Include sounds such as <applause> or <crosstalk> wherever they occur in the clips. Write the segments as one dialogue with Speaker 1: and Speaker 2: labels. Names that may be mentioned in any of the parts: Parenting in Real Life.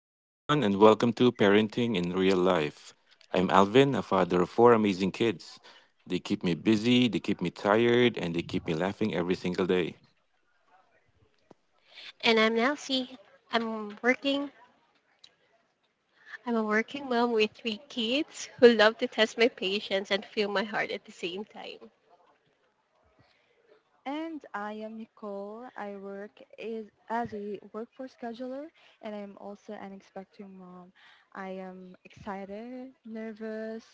Speaker 1: Hello, everyone, and welcome to Parenting in Real Life. I'm Alvin, a father of four amazing kids. They keep me busy, they keep me tired, and they keep me laughing every single day.
Speaker 2: And I'm Nancy. I'm working. I'm a working mom with three kids who love to test my patience and feel my heart at the same time.
Speaker 3: And I am Nicole. I work as a workforce scheduler, and I'm also an expecting mom. I am excited, nervous,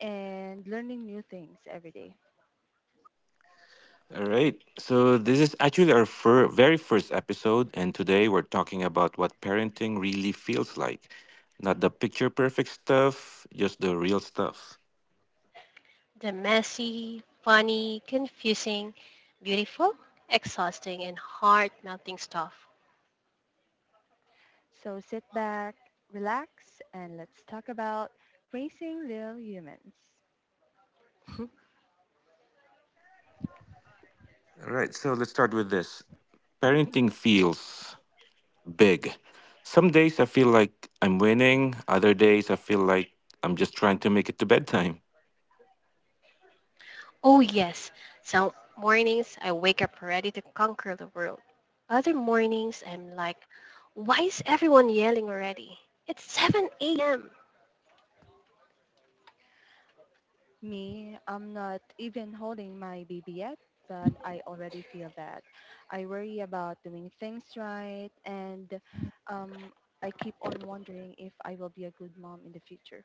Speaker 3: and learning new things every day.
Speaker 1: All right, so this is actually our very first episode, and today we're talking about what parenting really feels like. Not the picture perfect stuff, just the real stuff.
Speaker 2: The messy, funny, confusing, beautiful, exhausting, and heart-melting stuff.
Speaker 3: So sit back, relax, and let's talk about raising little humans.
Speaker 2: <laughs>
Speaker 1: All right, so let's start with this. Parenting feels big. Some days I feel like I'm winning, other days I feel like I'm just trying to make it to bedtime.
Speaker 2: Oh yes, some mornings I wake up ready to conquer the world. Other mornings I'm like, why is everyone yelling already? It's 7 a.m.
Speaker 3: Me, I'm not even holding my baby yet, but I already feel that. I worry about doing things right, and um, I keep on wondering if I will be a good mom in the future.